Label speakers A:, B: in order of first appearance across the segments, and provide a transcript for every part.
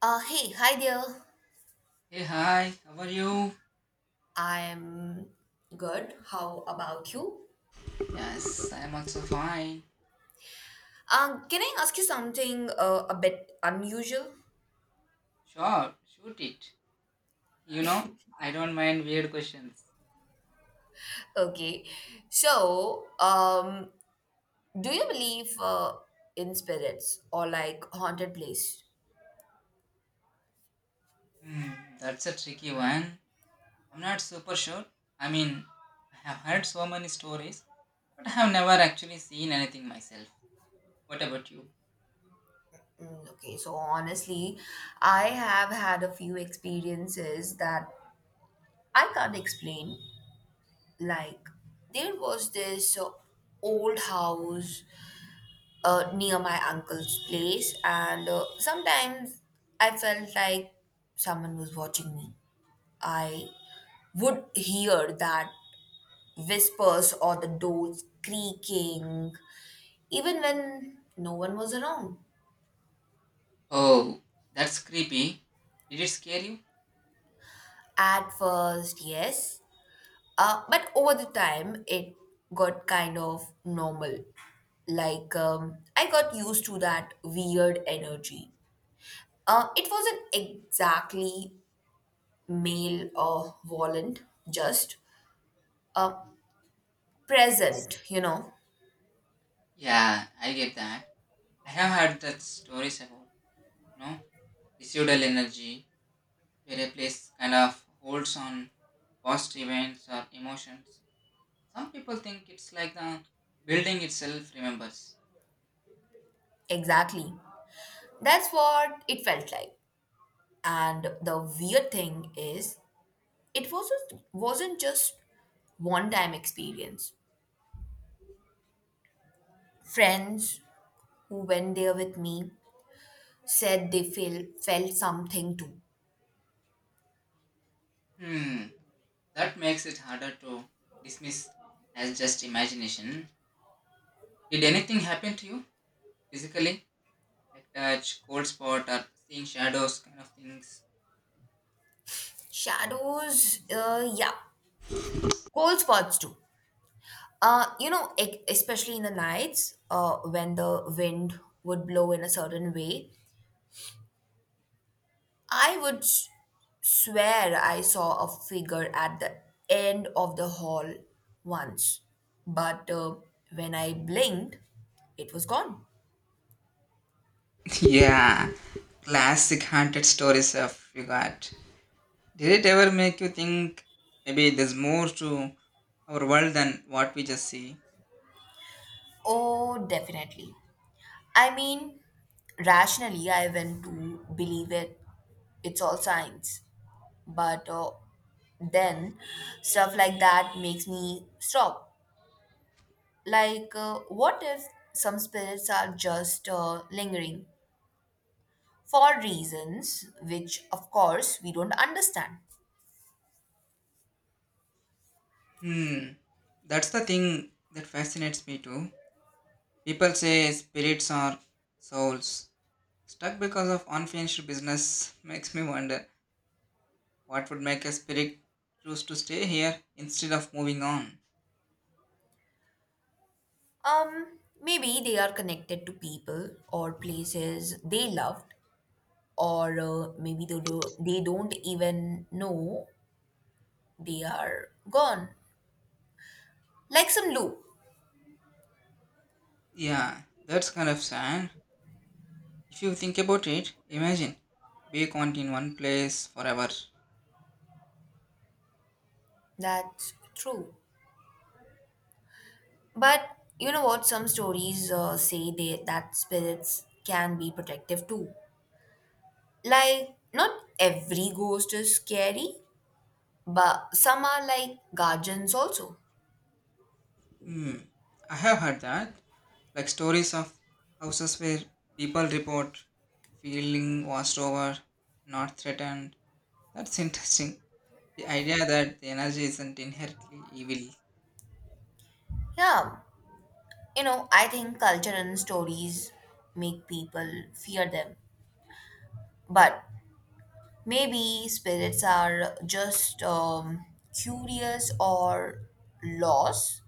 A: Hey, hi there.
B: Hey, hi, how are you?
A: I'm good. How about you?
B: Yes, I'm also fine.
A: Can I ask you something a bit unusual?
B: Sure, shoot it. You know, I don't mind weird questions.
A: Okay. So do you believe in spirits or like haunted place?
B: Hmm, that's a tricky one. I'm not super sure. I mean, I have heard so many stories, but I have never actually seen anything myself. What about you?
A: Okay, so honestly, I have had a few experiences that I can't explain. Like, there was this old house near my uncle's place, and sometimes I felt like someone was watching me. I would hear that whispers or the doors creaking, even when no one was around.
B: Oh, that's creepy. Did it scare you?
A: At first, yes, but over the time, it got kind of normal. I got used to that weird energy. It wasn't exactly male volent just uh, present.
B: Yeah, I get that. I have heard that stories about, you know, residual energy, where a place kind of holds on past events or emotions. Some people think it's like the building itself remembers.
A: Exactly, that's what it felt like, and the weird thing is it wasn't just one time experience. Friends who went there with me said they feel felt something too.
B: Hmm, that makes it harder to dismiss as just imagination. Did anything happen to you physically? Like touch, cold spot, or seeing shadows kind of things?
A: Shadows, yeah, cold spots too. Especially in the nights, when the wind would blow in a certain way, I would s- swear I saw a figure at the end of the hall once, but when I blinked, it was gone.
B: Yeah, classic haunted stories of you got. Did it ever make you think maybe there's more to our world than what we just see?
A: Oh, definitely. I mean, rationally, I went to believe it. It's all science. But then, stuff like that makes me stop. Like, what if some spirits are just lingering for reasons which, of course, we don't understand.
B: Hmm, that's the thing that fascinates me too. People say spirits are souls stuck because of unfinished business. Makes me wonder what would make a spirit choose to stay here instead of moving on.
A: Maybe they are connected to people or places they loved, or maybe they don't even know they are gone. Like some loop.
B: Yeah, that's kind of sad. If you think about it, imagine being caught in one place forever.
A: That's true. But you know what? Some stories say that spirits can be protective too. Like, not every ghost is scary, but some are like guardians also.
B: Hmm, I have heard that. Like stories of houses where people report feeling washed over, not threatened. That's interesting. The idea that the energy isn't inherently evil.
A: Yeah. You know, I think culture and stories make people fear them. But maybe spirits are just curious or lost,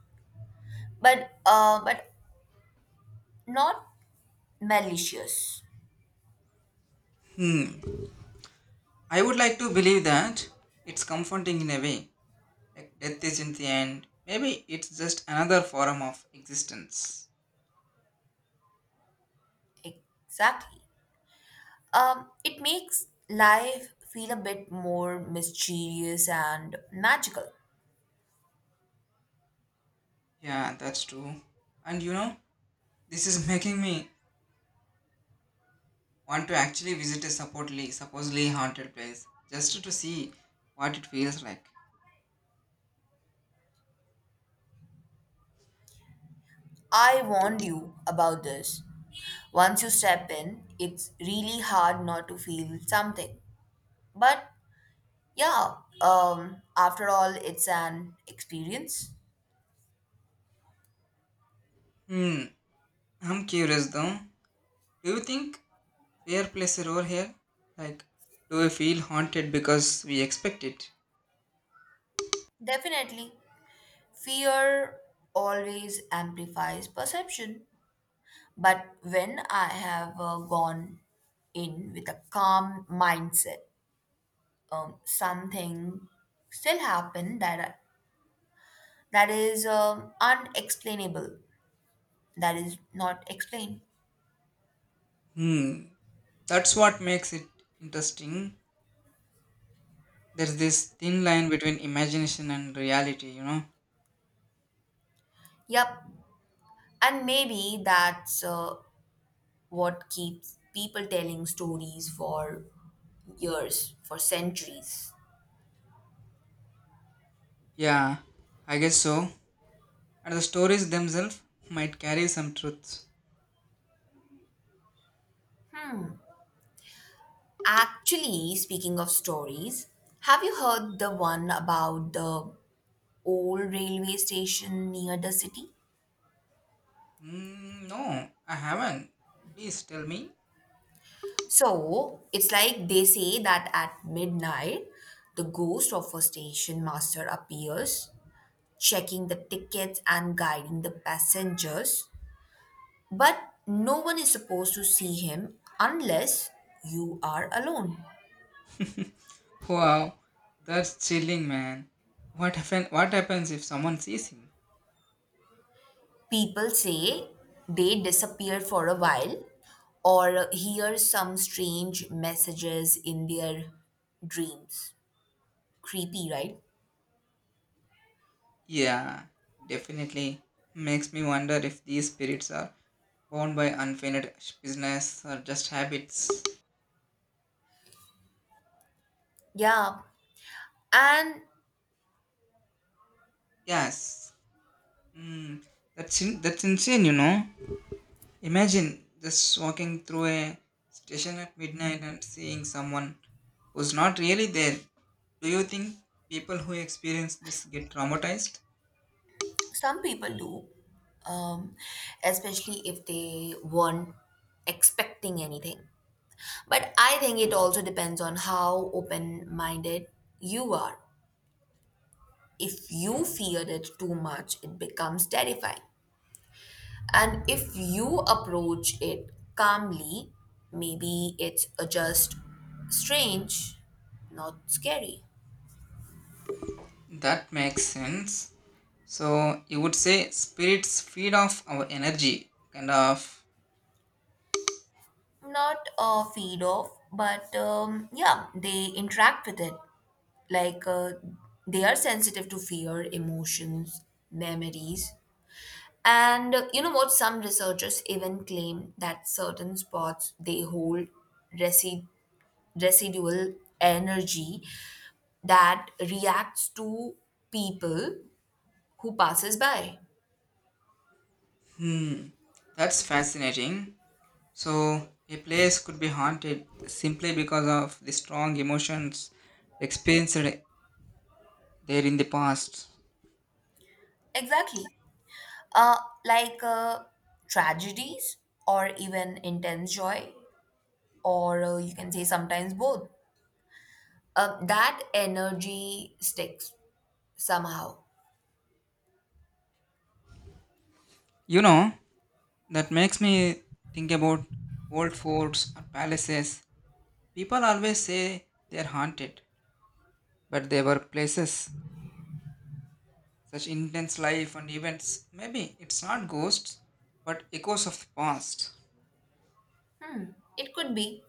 A: but not malicious.
B: Hmm, I would like to believe that. It's comforting in a way. Like death isn't the end. Maybe it's just another form of existence.
A: Exactly. It makes life feel a bit more mysterious and magical.
B: Yeah, that's true. And you know, this is making me want to actually visit a supposedly haunted place just to see what it feels like.
A: I warned you about this. Once you step in, it's really hard not to feel something. But yeah, after all, it's an experience.
B: Hmm. I'm curious though. Do you think fear plays a role here? Like, do we feel haunted because we expect it?
A: Definitely. Fear always amplifies perception. But when I have gone in with a calm mindset, something still happened that is unexplainable, that is not explained.
B: Hmm. That's what makes it interesting. There's this thin line between imagination and reality, you know?
A: Yep, and maybe that's what keeps people telling stories for years, for centuries.
B: Yeah, I guess so. And the stories themselves might carry some truths.
A: Actually, speaking of stories, have you heard the one about the old railway station near the city?
B: Mm, no, I haven't. Please tell me.
A: So, it's like they say that at midnight, the ghost of a station master appears, checking the tickets and guiding the passengers. But no one is supposed to see him unless you are alone.
B: Wow, that's chilling, man. What happens if someone sees him?
A: People say they disappear for a while or hear some strange messages in their dreams. Creepy, right?
B: Yeah, definitely. Makes me wonder if these spirits are bound by unfinished business or just habits.
A: Yeah. And
B: Yes. Mm, that's insane, you know. Imagine just walking through a station at midnight and seeing someone who's not really there. Do you think people who experience this get traumatized?
A: some people do, um, especially if they weren't expecting anything. But I think it also depends on how open minded you are. If you fear it too much, it becomes terrifying. And if you approach it calmly, maybe it's just strange, not scary.
B: That makes sense. So you would say spirits feed off our energy, kind of.
A: Not feed off, but yeah, they interact with it. Like they are sensitive to fear, emotions, memories. And you know what? Some researchers even claim that certain spots they hold resi- residual energy that reacts to people who passes by.
B: Hmm, that's fascinating. So a place could be haunted simply because of the strong emotions experienced there in the past.
A: Exactly. Uh, like tragedies or even intense joy, or you can say sometimes both. That energy sticks somehow.
B: You know, that makes me think about old forts or palaces. People always say they're haunted, but they were places such intense life and events. Maybe it's not ghosts, but echoes of the past.
A: It could be.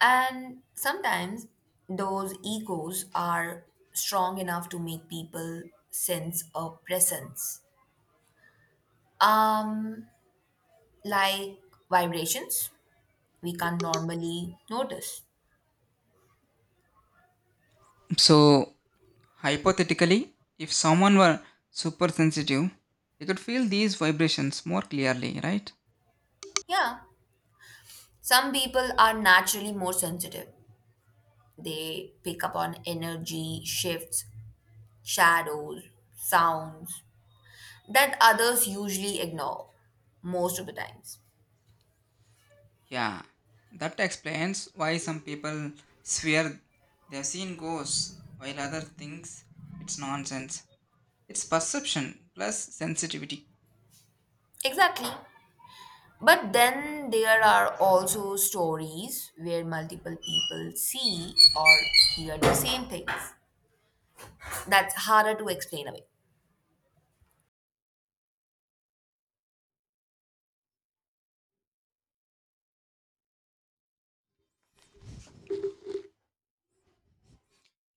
A: And sometimes those egos are strong enough to make people sense a presence. Um, like vibrations we can't normally notice.
B: So, hypothetically, if someone were super sensitive, they could feel these vibrations more clearly, right?
A: Yeah. Some people are naturally more sensitive. They pick up on energy shifts, shadows, sounds that others usually ignore most of the times.
B: Yeah, that explains why some people swear they've seen ghosts, while others thinks it's nonsense. It's perception plus sensitivity.
A: Exactly. But then there are also stories where multiple people see or hear the same things. That's harder to explain away.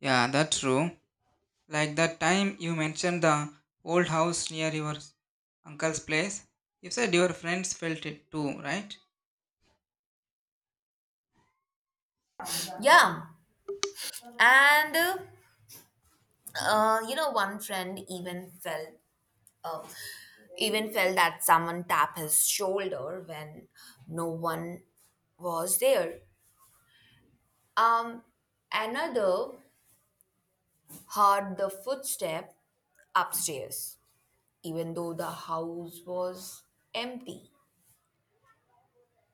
B: Yeah, that's true. Like that time you mentioned the old house near your uncle's place. You said your friends felt it too, right?
A: Yeah. And you know, one friend even felt a even felt that someone tap his shoulder when no one was there. Um, Another heard the footstep upstairs, even though the house was empty.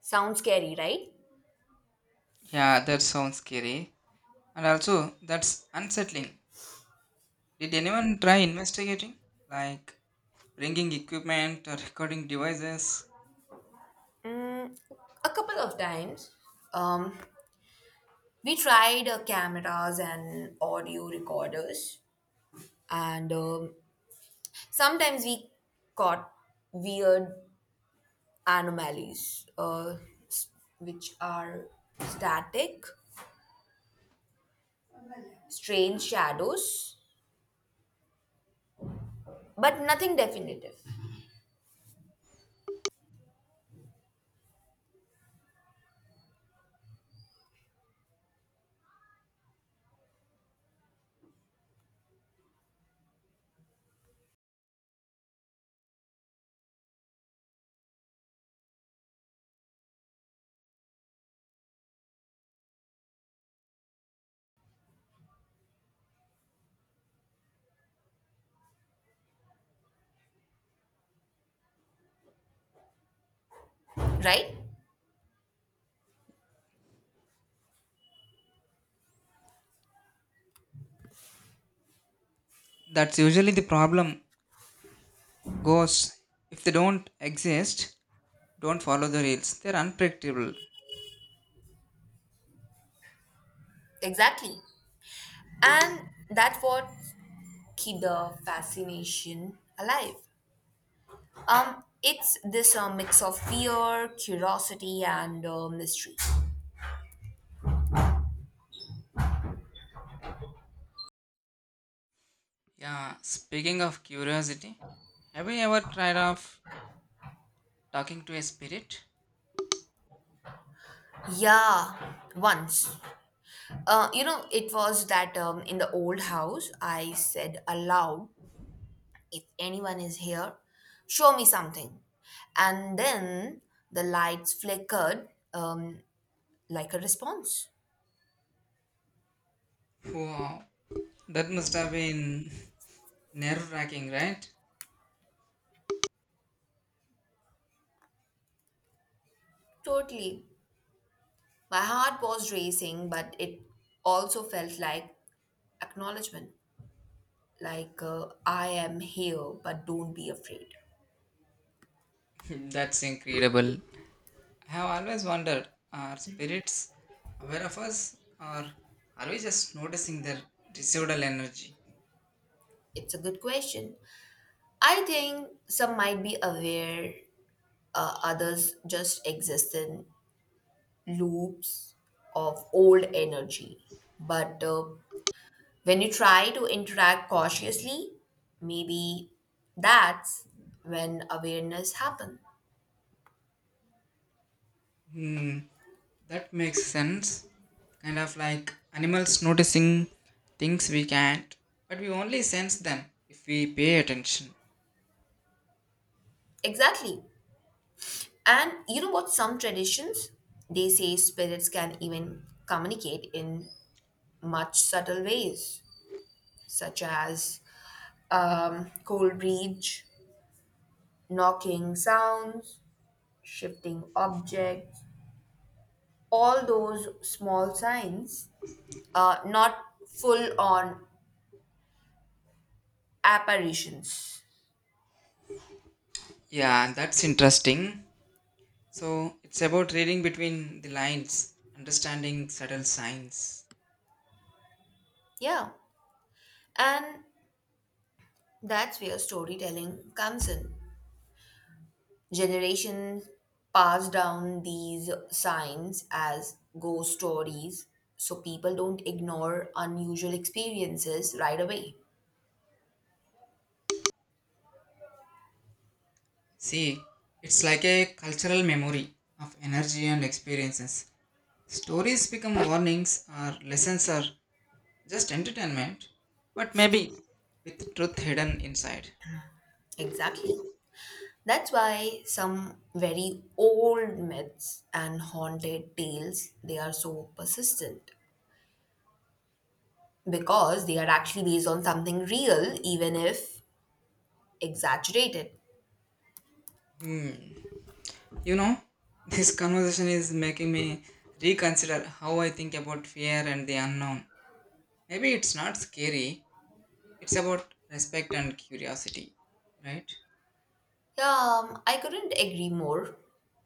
A: Sounds scary, right?
B: Yeah, that sounds scary. And also, that's unsettling. Did anyone try investigating? Like bringing equipment or recording devices?
A: A couple of times, um, we tried cameras and audio recorders, and sometimes we caught weird anomalies, s- which are static, strange shadows, but nothing definitive, right?
B: That's usually the problem. Ghosts, if they don't exist, don't follow the rules. They're unpredictable.
A: Exactly. And that's what keep the fascination alive. It's this mix of fear, curiosity, and mystery.
B: Yeah, speaking of curiosity, have you ever tried of talking to a spirit?
A: Yeah, once. You know, it was that in the old house, I said aloud if anyone is here, show me something. And then the lights flickered like a response.
B: Wow, that must have been nerve-wracking, right?
A: Totally. My heart was racing, but it also felt like acknowledgement. Like, I am here, but don't be afraid.
B: That's incredible. I have always wondered, are spirits aware of us, or are we just noticing their residual energy?
A: It's a good question. I think some might be aware, others just exist in loops of old energy. But when you try to interact cautiously, maybe that's when awareness happens.
B: Hmm, that makes sense. Kind of like animals noticing things we can't, but we only sense them if we pay attention.
A: Exactly. And you know what, some traditions they say spirits can even communicate in much subtle ways, such as cold reach, knocking sounds, shifting objects, all those small signs, not full on apparitions.
B: Yeah, that's interesting. So it's about reading between the lines, understanding subtle signs.
A: Yeah. And that's where storytelling comes in. Generations pass down these signs as ghost stories, so people don't ignore unusual experiences right away.
B: See, it's like a cultural memory of energy and experiences. Stories become warnings or lessons or just entertainment, but maybe with truth hidden inside.
A: Exactly. That's why some very old myths and haunted tales they are so persistent, because they are actually based on something real even if exaggerated.
B: Hmm. You know, this conversation is making me reconsider how I think about fear and the unknown. Maybe it's not scary, it's about respect and curiosity, right?
A: Yeah, I couldn't agree more.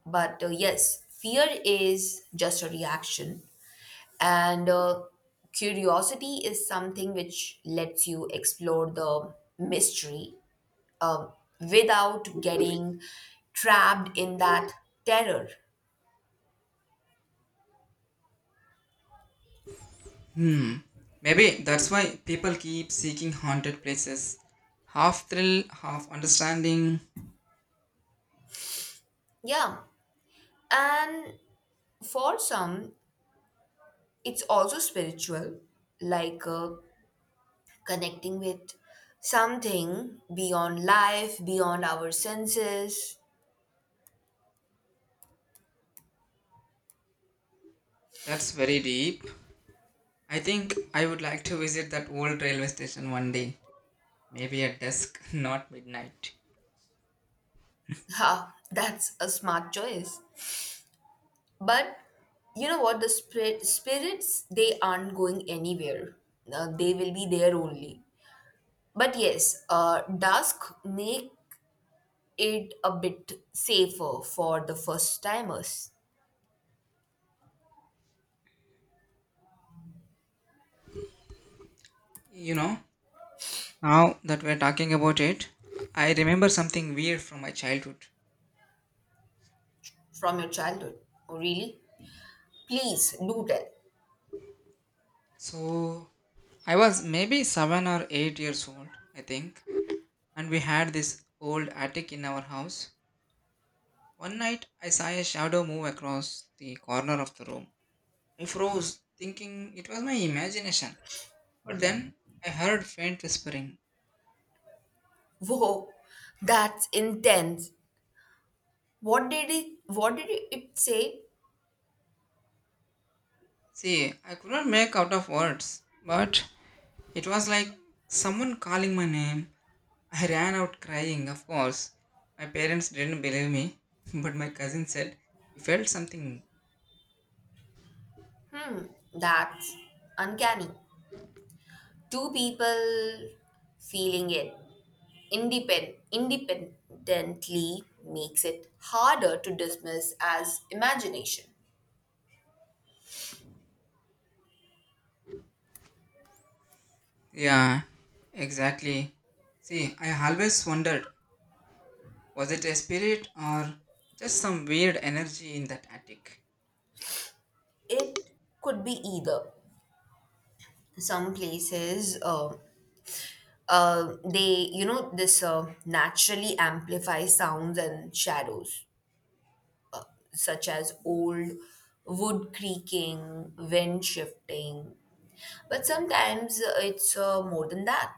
A: But yes, fear is just a reaction, and curiosity is something which lets you explore the mystery um, without getting trapped in that terror.
B: Hmm. Maybe that's why people keep seeking haunted places. Half thrill, half understanding.
A: Yeah, and for some, it's also spiritual, like connecting with something beyond life, beyond our senses.
B: That's very deep. I think I would like to visit that old railway station one day. Maybe at dusk, not midnight.
A: Ha, that's a smart choice. But you know what? The spirits, they aren't going anywhere. They will be there only. But yes, dusk make it a bit safer for the first timers.
B: You know, now that we're talking about it, I remember something weird from my childhood.
A: From your childhood? Oh, really? Please do tell.
B: So, I was maybe 7 or 8 years old, I think, and we had this old attic in our house. One night, I saw a shadow move across the corner of the room. I froze, thinking it was my imagination. But then I heard faint whispering.
A: Whoa, that's intense. What did it say?
B: See, I could not make out of words, but it was like someone calling my name. I ran out crying, of course. My parents didn't believe me, but my cousin said he felt something.
A: Hmm, that's uncanny. Two people feeling it independently makes it harder to dismiss as imagination.
B: Yeah, exactly. See, I always wondered, was it a spirit or just some weird energy in that attic?
A: It could be either. Some places, they, you know, this naturally amplify sounds and shadows, such as old wood creaking, wind shifting. But sometimes it's more than that.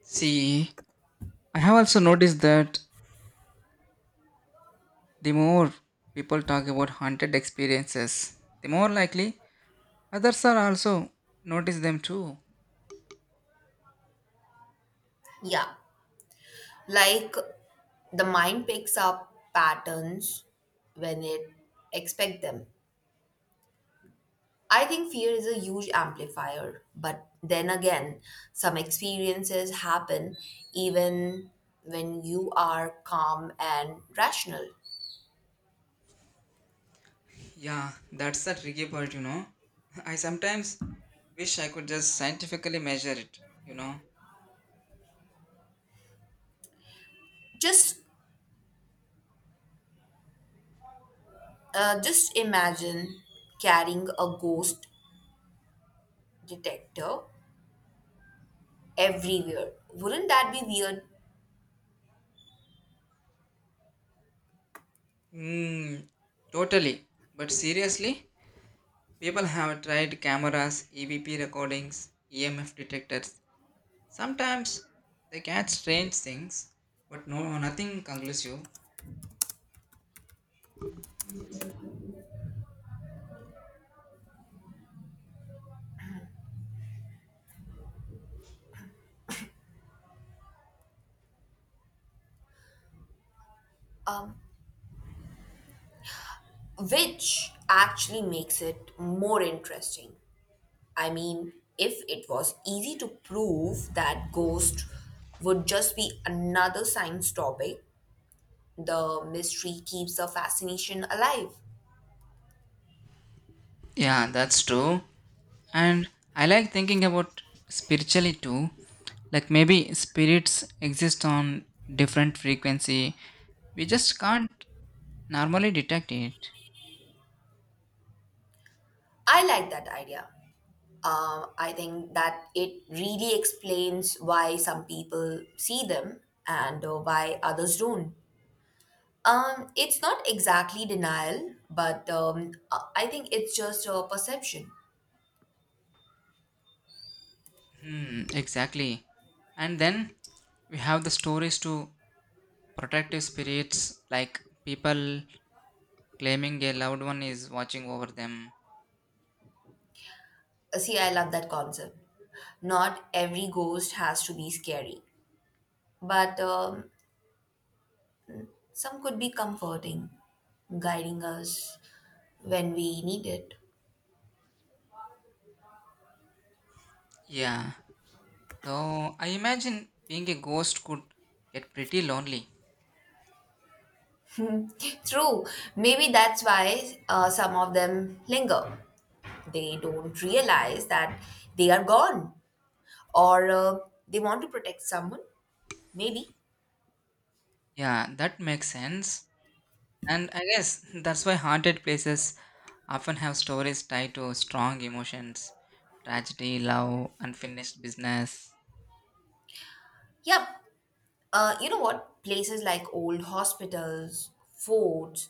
B: See, I have also noticed that the more people talk about haunted experiences, the more likely others are also notice them too.
A: Yeah. Like the mind picks up patterns when it expect them. I think fear is a huge amplifier, but then again some experiences happen even when you are calm and rational.
B: Yeah, that's the tricky part, you know. I sometimes wish I could just scientifically measure it, you know.
A: Just uh, just imagine carrying a ghost detector everywhere. Wouldn't that be weird?
B: Hmm, totally. But seriously, people have tried cameras, EVP recordings, EMF detectors. Sometimes they catch strange things, but no, nothing conclusive.
A: Um, which actually makes it more interesting. I mean, if it was easy to prove that ghost would just be another science topic, the mystery keeps the fascination alive.
B: Yeah, that's true. And I like thinking about spiritually too. Like maybe spirits exist on different frequency. We just can't normally detect it.
A: I like that idea. I think that it really explains why some people see them and why others don't. It's not exactly denial, but I think it's just a perception.
B: Hmm, exactly. And then we have the stories to protective spirits, like people claiming a loved one is watching over them.
A: See, I love that concept. Not every ghost has to be scary, but some could be comforting, guiding us when we need it.
B: Yeah, though I imagine being a ghost could get pretty lonely.
A: True, maybe that's why some of them linger. They don't realize that they are gone or they want to protect someone, maybe.
B: Yeah, that makes sense. And I guess that's why haunted places often have stories tied to strong emotions, tragedy, love, unfinished business.
A: Yep, you know what? Places like old hospitals, forts,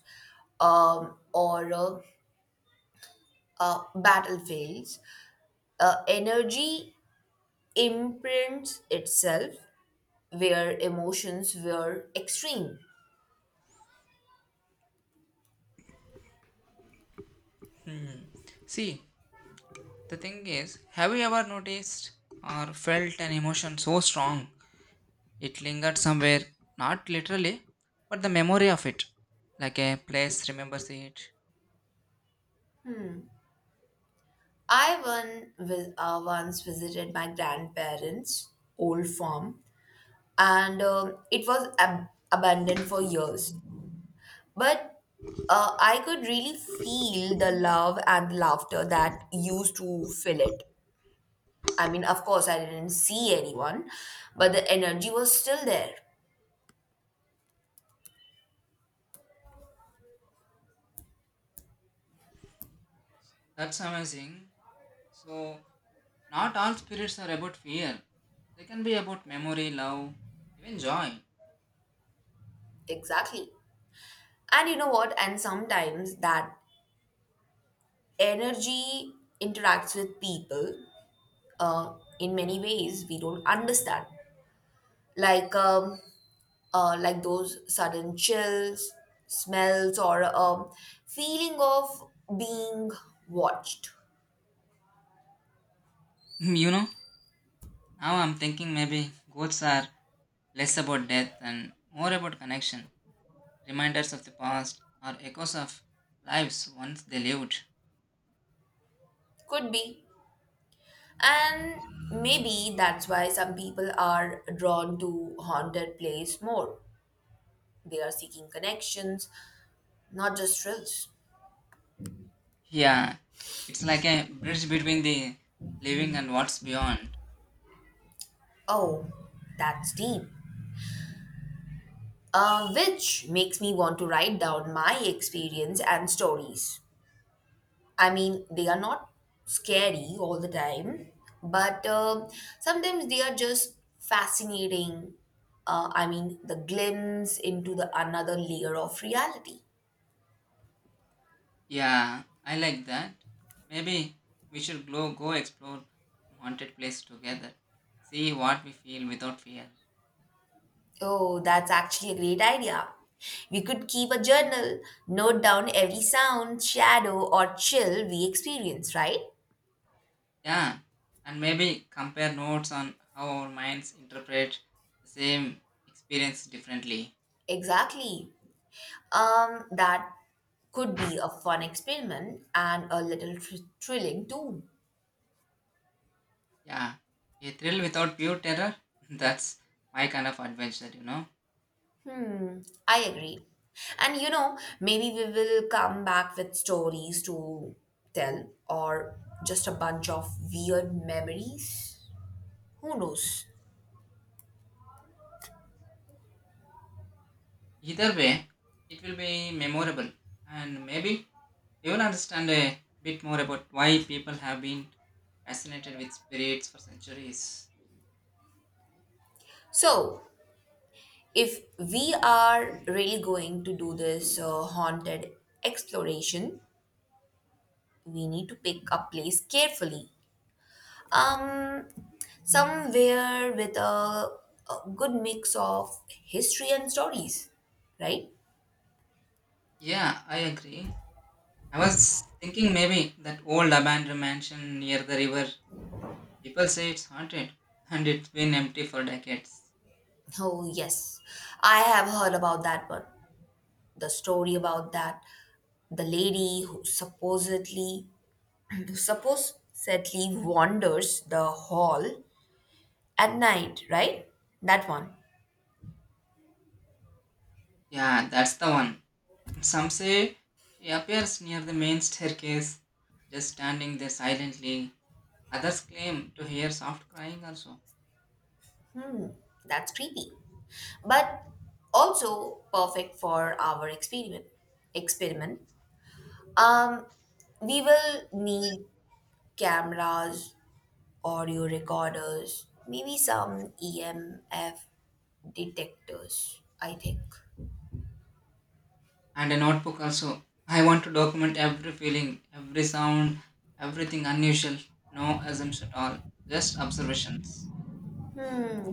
A: or battlefields, energy imprints itself where emotions were extreme.
B: Hmm. See, the thing is, have you ever noticed or felt an emotion so strong it lingered somewhere, not literally, but the memory of it, like a place remembers it?
A: I once visited my grandparents' old farm, and it was abandoned for years. But I could really feel the love and laughter that used to fill it. I mean, of course, I didn't see anyone, but the energy was still there.
B: That's amazing. So, not all spirits are about fear, they can be about memory, love, even joy.
A: Exactly. And you know what? And sometimes that energy interacts with people uh, in many ways we don't understand, like um, like those sudden chills, smells, or feeling of being watched.
B: You know? Now I'm thinking maybe ghosts are less about death and more about connection, reminders of the past, or echoes of lives once they lived.
A: Could be, and maybe that's why some people are drawn to haunted place more. They are seeking connections, not just thrills.
B: Yeah, it's like a bridge between the living and what's beyond.
A: Oh, that's deep, which makes me want to write down my experience and stories. I mean, they are not scary all the time, but sometimes they are just fascinating. I mean, the glimpse into the another layer of reality.
B: Yeah, I like that. Maybe we should go explore haunted place together, see what we feel without fear.
A: Oh, that's actually a great idea. We could keep a journal, note down every sound, shadow, or chill we experience, right?
B: Yeah, and maybe compare notes on how our minds interpret the same experience differently.
A: Exactly. That could be a fun experiment and a little thrilling too.
B: Yeah, a thrill without pure terror. That's my kind of adventure, you know.
A: Hmm, I agree. And you know, maybe we will come back with stories to tell or just a bunch of weird memories. Who knows?
B: Either way, it will be memorable, and maybe you will understand a bit more about why people have been fascinated with spirits for centuries.
A: So, if we are really going to do this haunted exploration, we need to pick a place carefully. Um, Somewhere with a good mix of history and stories, right?
B: Yeah, I agree. I was thinking maybe that old abandoned mansion near the river. People say it's haunted, and it's been empty for decades.
A: Oh, yes, I have heard about that one. The story about that the lady who supposedly who supposedly wanders the hall at night, right? That one.
B: Yeah, that's the one. Some say she appears near the main staircase, just standing there silently. Others claim to hear soft crying also,
A: That's creepy, but also perfect for our experiment. um we will need cameras, audio recorders, maybe some EMF detectors, I think.
B: and a notebook also. I want to document every feeling, every sound, everything unusual. No assumptions at all, just observations.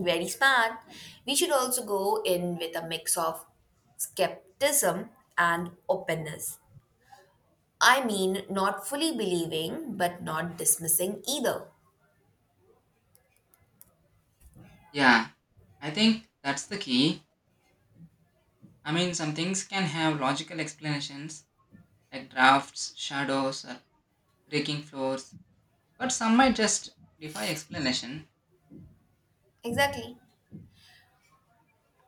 A: Very smart. We should also go in with a mix of skepticism and openness. I mean, not fully believing, but not dismissing either.
B: Yeah, I think that's the key. I mean, some things can have logical explanations, like drafts, shadows, or breaking floors, but some might just defy explanation
A: Exactly.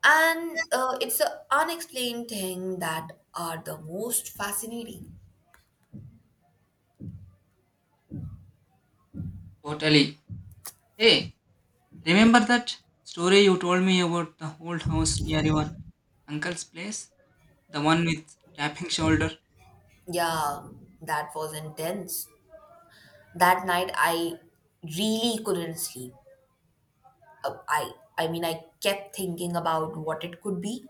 A: And it's the unexplained thing that are the most fascinating.
B: totally. Hey, remember that story you told me about the old house near your uncle's place? The one with tapping shoulder?
A: Yeah, that was intense. That night, I really couldn't sleep. I mean, I kept thinking about what it could be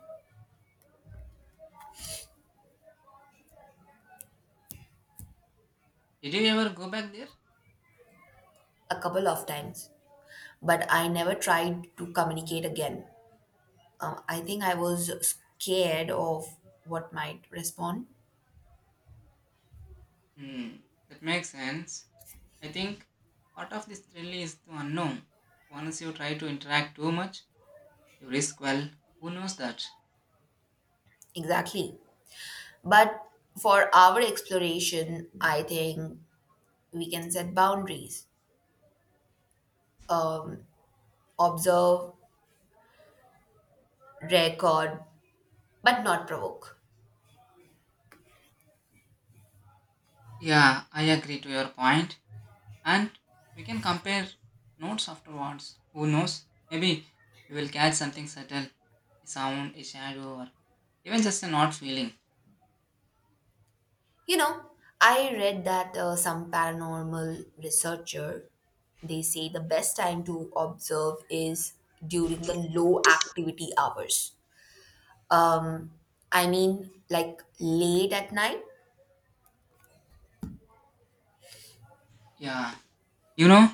B: Did you ever go back there?
A: a couple of times. But I never tried to communicate again. I think I was scared of what might respond.
B: Hmm, that makes sense. I think part of this thrill is the unknown. Once you try to interact too much, you risk, well, who knows that?
A: Exactly. But for our exploration, I think we can set boundaries, um, observe, record, but not provoke.
B: Yeah, I agree to your point. And we can compare notes afterwards. Who knows? Maybe we will catch something subtle, a sound, a shadow, or even just an odd feeling.
A: You know, I read that some paranormal researcher, they say the best time to observe is during the low activity hours. Um, I mean, like late at night?
B: Yeah. You know,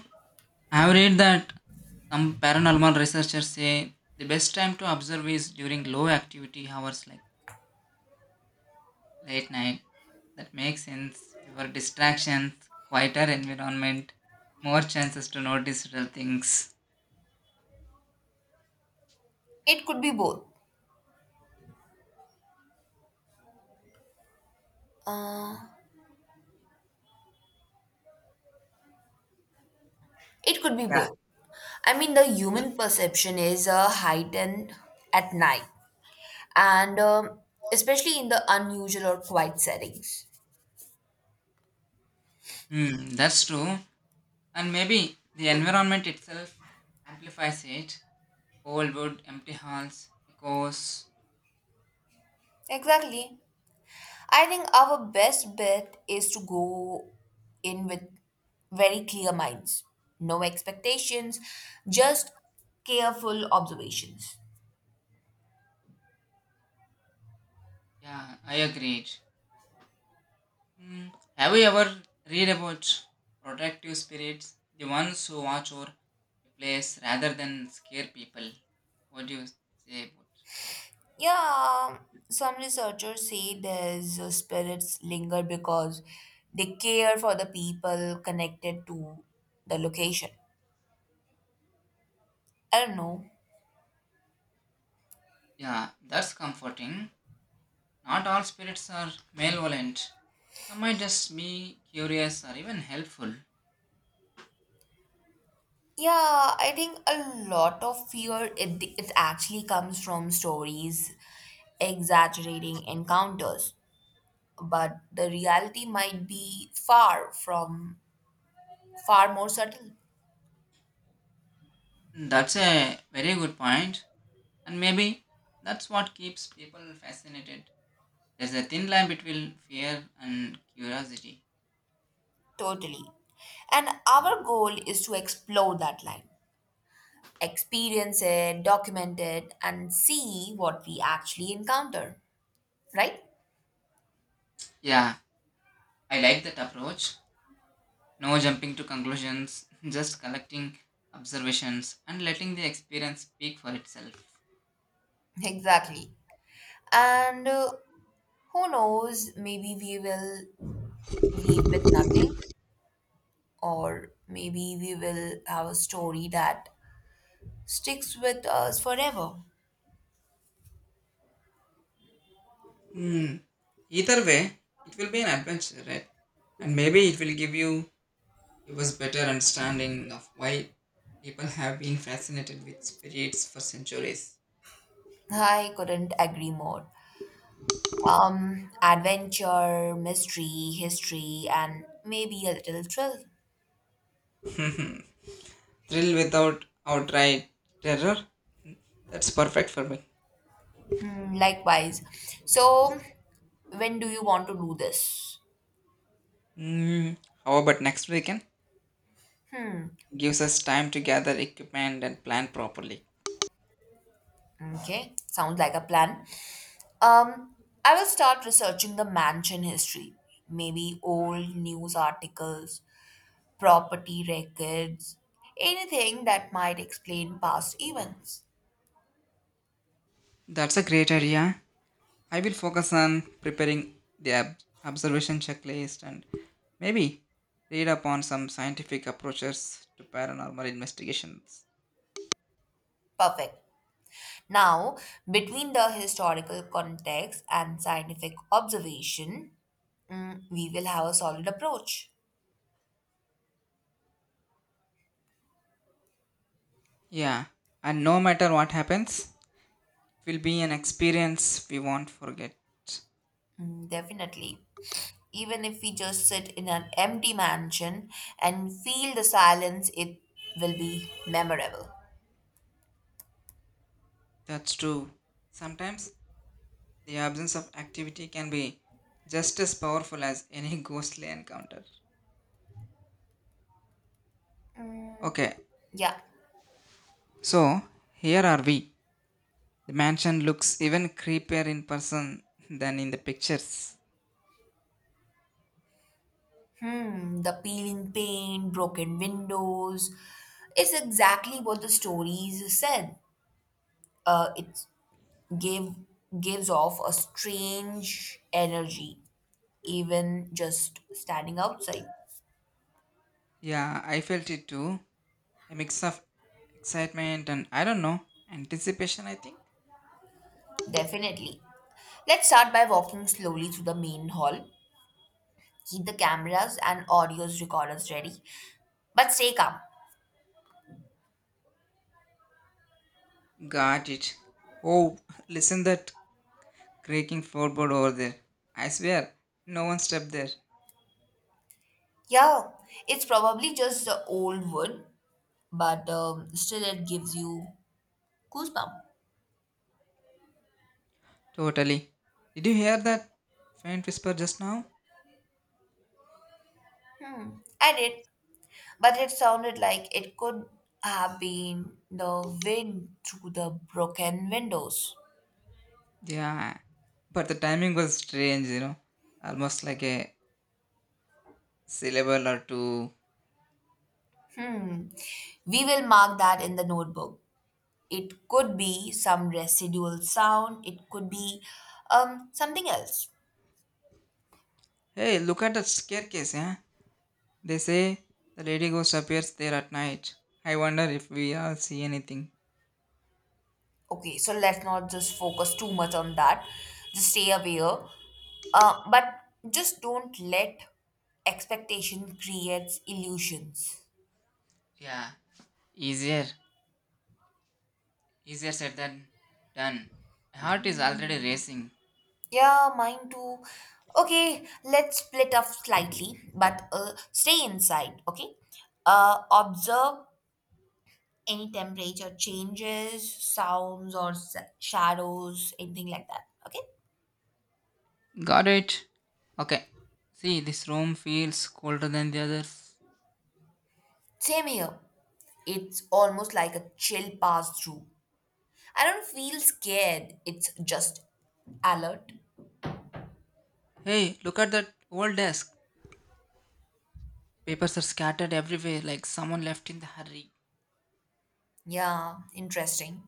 B: I have read that some paranormal researchers say the best time to observe is during low activity hours like late night. That makes sense. Fewer distractions, quieter environment, more chances to notice real things.
A: It could be both. It could be
B: Yeah.
A: both. I mean, the
B: Yeah.
A: human perception is heightened at night, and especially in the unusual or quiet settings.
B: Hmm, that's true. And maybe the environment itself amplifies it. Old wood, empty halls, echoes.
A: Exactly. I think our best bet is to go in with very clear minds, no expectations, just careful observations.
B: Yeah, I agreed. Mm, have you ever read about protective spirits, the ones who watch over a place rather than scare people? What do you say about?
A: Yeah, some researchers say these spirits linger because they care for the people connected to the location. I don't know.
B: Yeah, that's comforting. Not all spirits are malevolent. Some might just be curious or even helpful.
A: Yeah, I think a lot of fear it actually comes from stories exaggerating encounters, but the reality might be far more subtle.
B: That's a very good point, and maybe that's what keeps people fascinated. There's a thin line between fear and curiosity.
A: Totally. And our goal is to explore that line, experience it, document it, and see what we actually encounter, right?
B: Yeah, I like that approach. No jumping to conclusions, just collecting observations and letting the experience speak for itself.
A: Exactly. And who knows, maybe we will leave with nothing, or maybe we will have a story that sticks with us forever.
B: Hmm. Either way, it will be an adventure, right? And maybe it will give us better understanding of why people have been fascinated with spirits for centuries.
A: I couldn't agree more. Adventure, mystery, history, and maybe a little thrill.
B: Thrill without outright terror. That's perfect for me.
A: Hmm, likewise. So, when do you want to do this?
B: Hmm. How about next weekend? Gives us time to gather equipment and plan properly.
A: Okay, sounds like a plan. Um, I will start researching the mansion history, maybe old news articles, property records, anything that might explain past events.
B: That's a great idea. I will focus on preparing the observation checklist and maybe read upon some scientific approaches to paranormal investigations.
A: Perfect. Now, between the historical context and scientific observation, we will have a solid approach.
B: Yeah, and no matter what happens, it will be an experience we won't forget.
A: Mm. Definitely. Even if we just sit in an empty mansion and feel the silence, it will be memorable.
B: That's true. Sometimes the absence of activity can be just as powerful as any ghostly encounter. Okay,
A: Yeah.
B: so here are we. The mansion looks even creepier in person than in the pictures.
A: Hmm, the peeling paint, broken windows. It's exactly what the stories said. It gave gives off a strange energy, even just standing outside.
B: Yeah, I felt it too. A mix of excitement and I don't know, anticipation, I think.
A: Definitely. Let's start by walking slowly through the main hall. Keep the cameras and audios recorders ready, but stay calm.
B: Got it. Oh, listen that creaking floorboard over there. I swear, no one stepped there.
A: Yeah, it's probably just the old wood, but still it gives you goosebumps.
B: Totally. Did you hear that faint whisper just now?
A: Hmm, I did, but it sounded like it could have been the wind through the broken windows.
B: Yeah. But the timing was strange, you know. Almost like a syllable or two.
A: Hmm, we will mark that in the notebook. It could be some residual sound, it could be something else.
B: Hey, look at that staircase, yeah? They say the lady ghost appears there at night. I wonder if we all see anything.
A: Okay, so let's not just focus too much on that. Just stay aware. But Just don't let expectation creates illusions.
B: Yeah. Easier, easier said than done. My heart is already racing.
A: Yeah, mine too. Okay, let's split up slightly, but stay inside, okay? Observe any temperature changes, sounds or shadows, anything like that, okay?
B: Got it. Okay. See, this room feels colder than the others.
A: Same here. It's almost like a chill pass through. I don't feel scared. It's just alert.
B: Hey, look at that old desk. Papers are scattered everywhere like someone left in the hurry.
A: Yeah, interesting.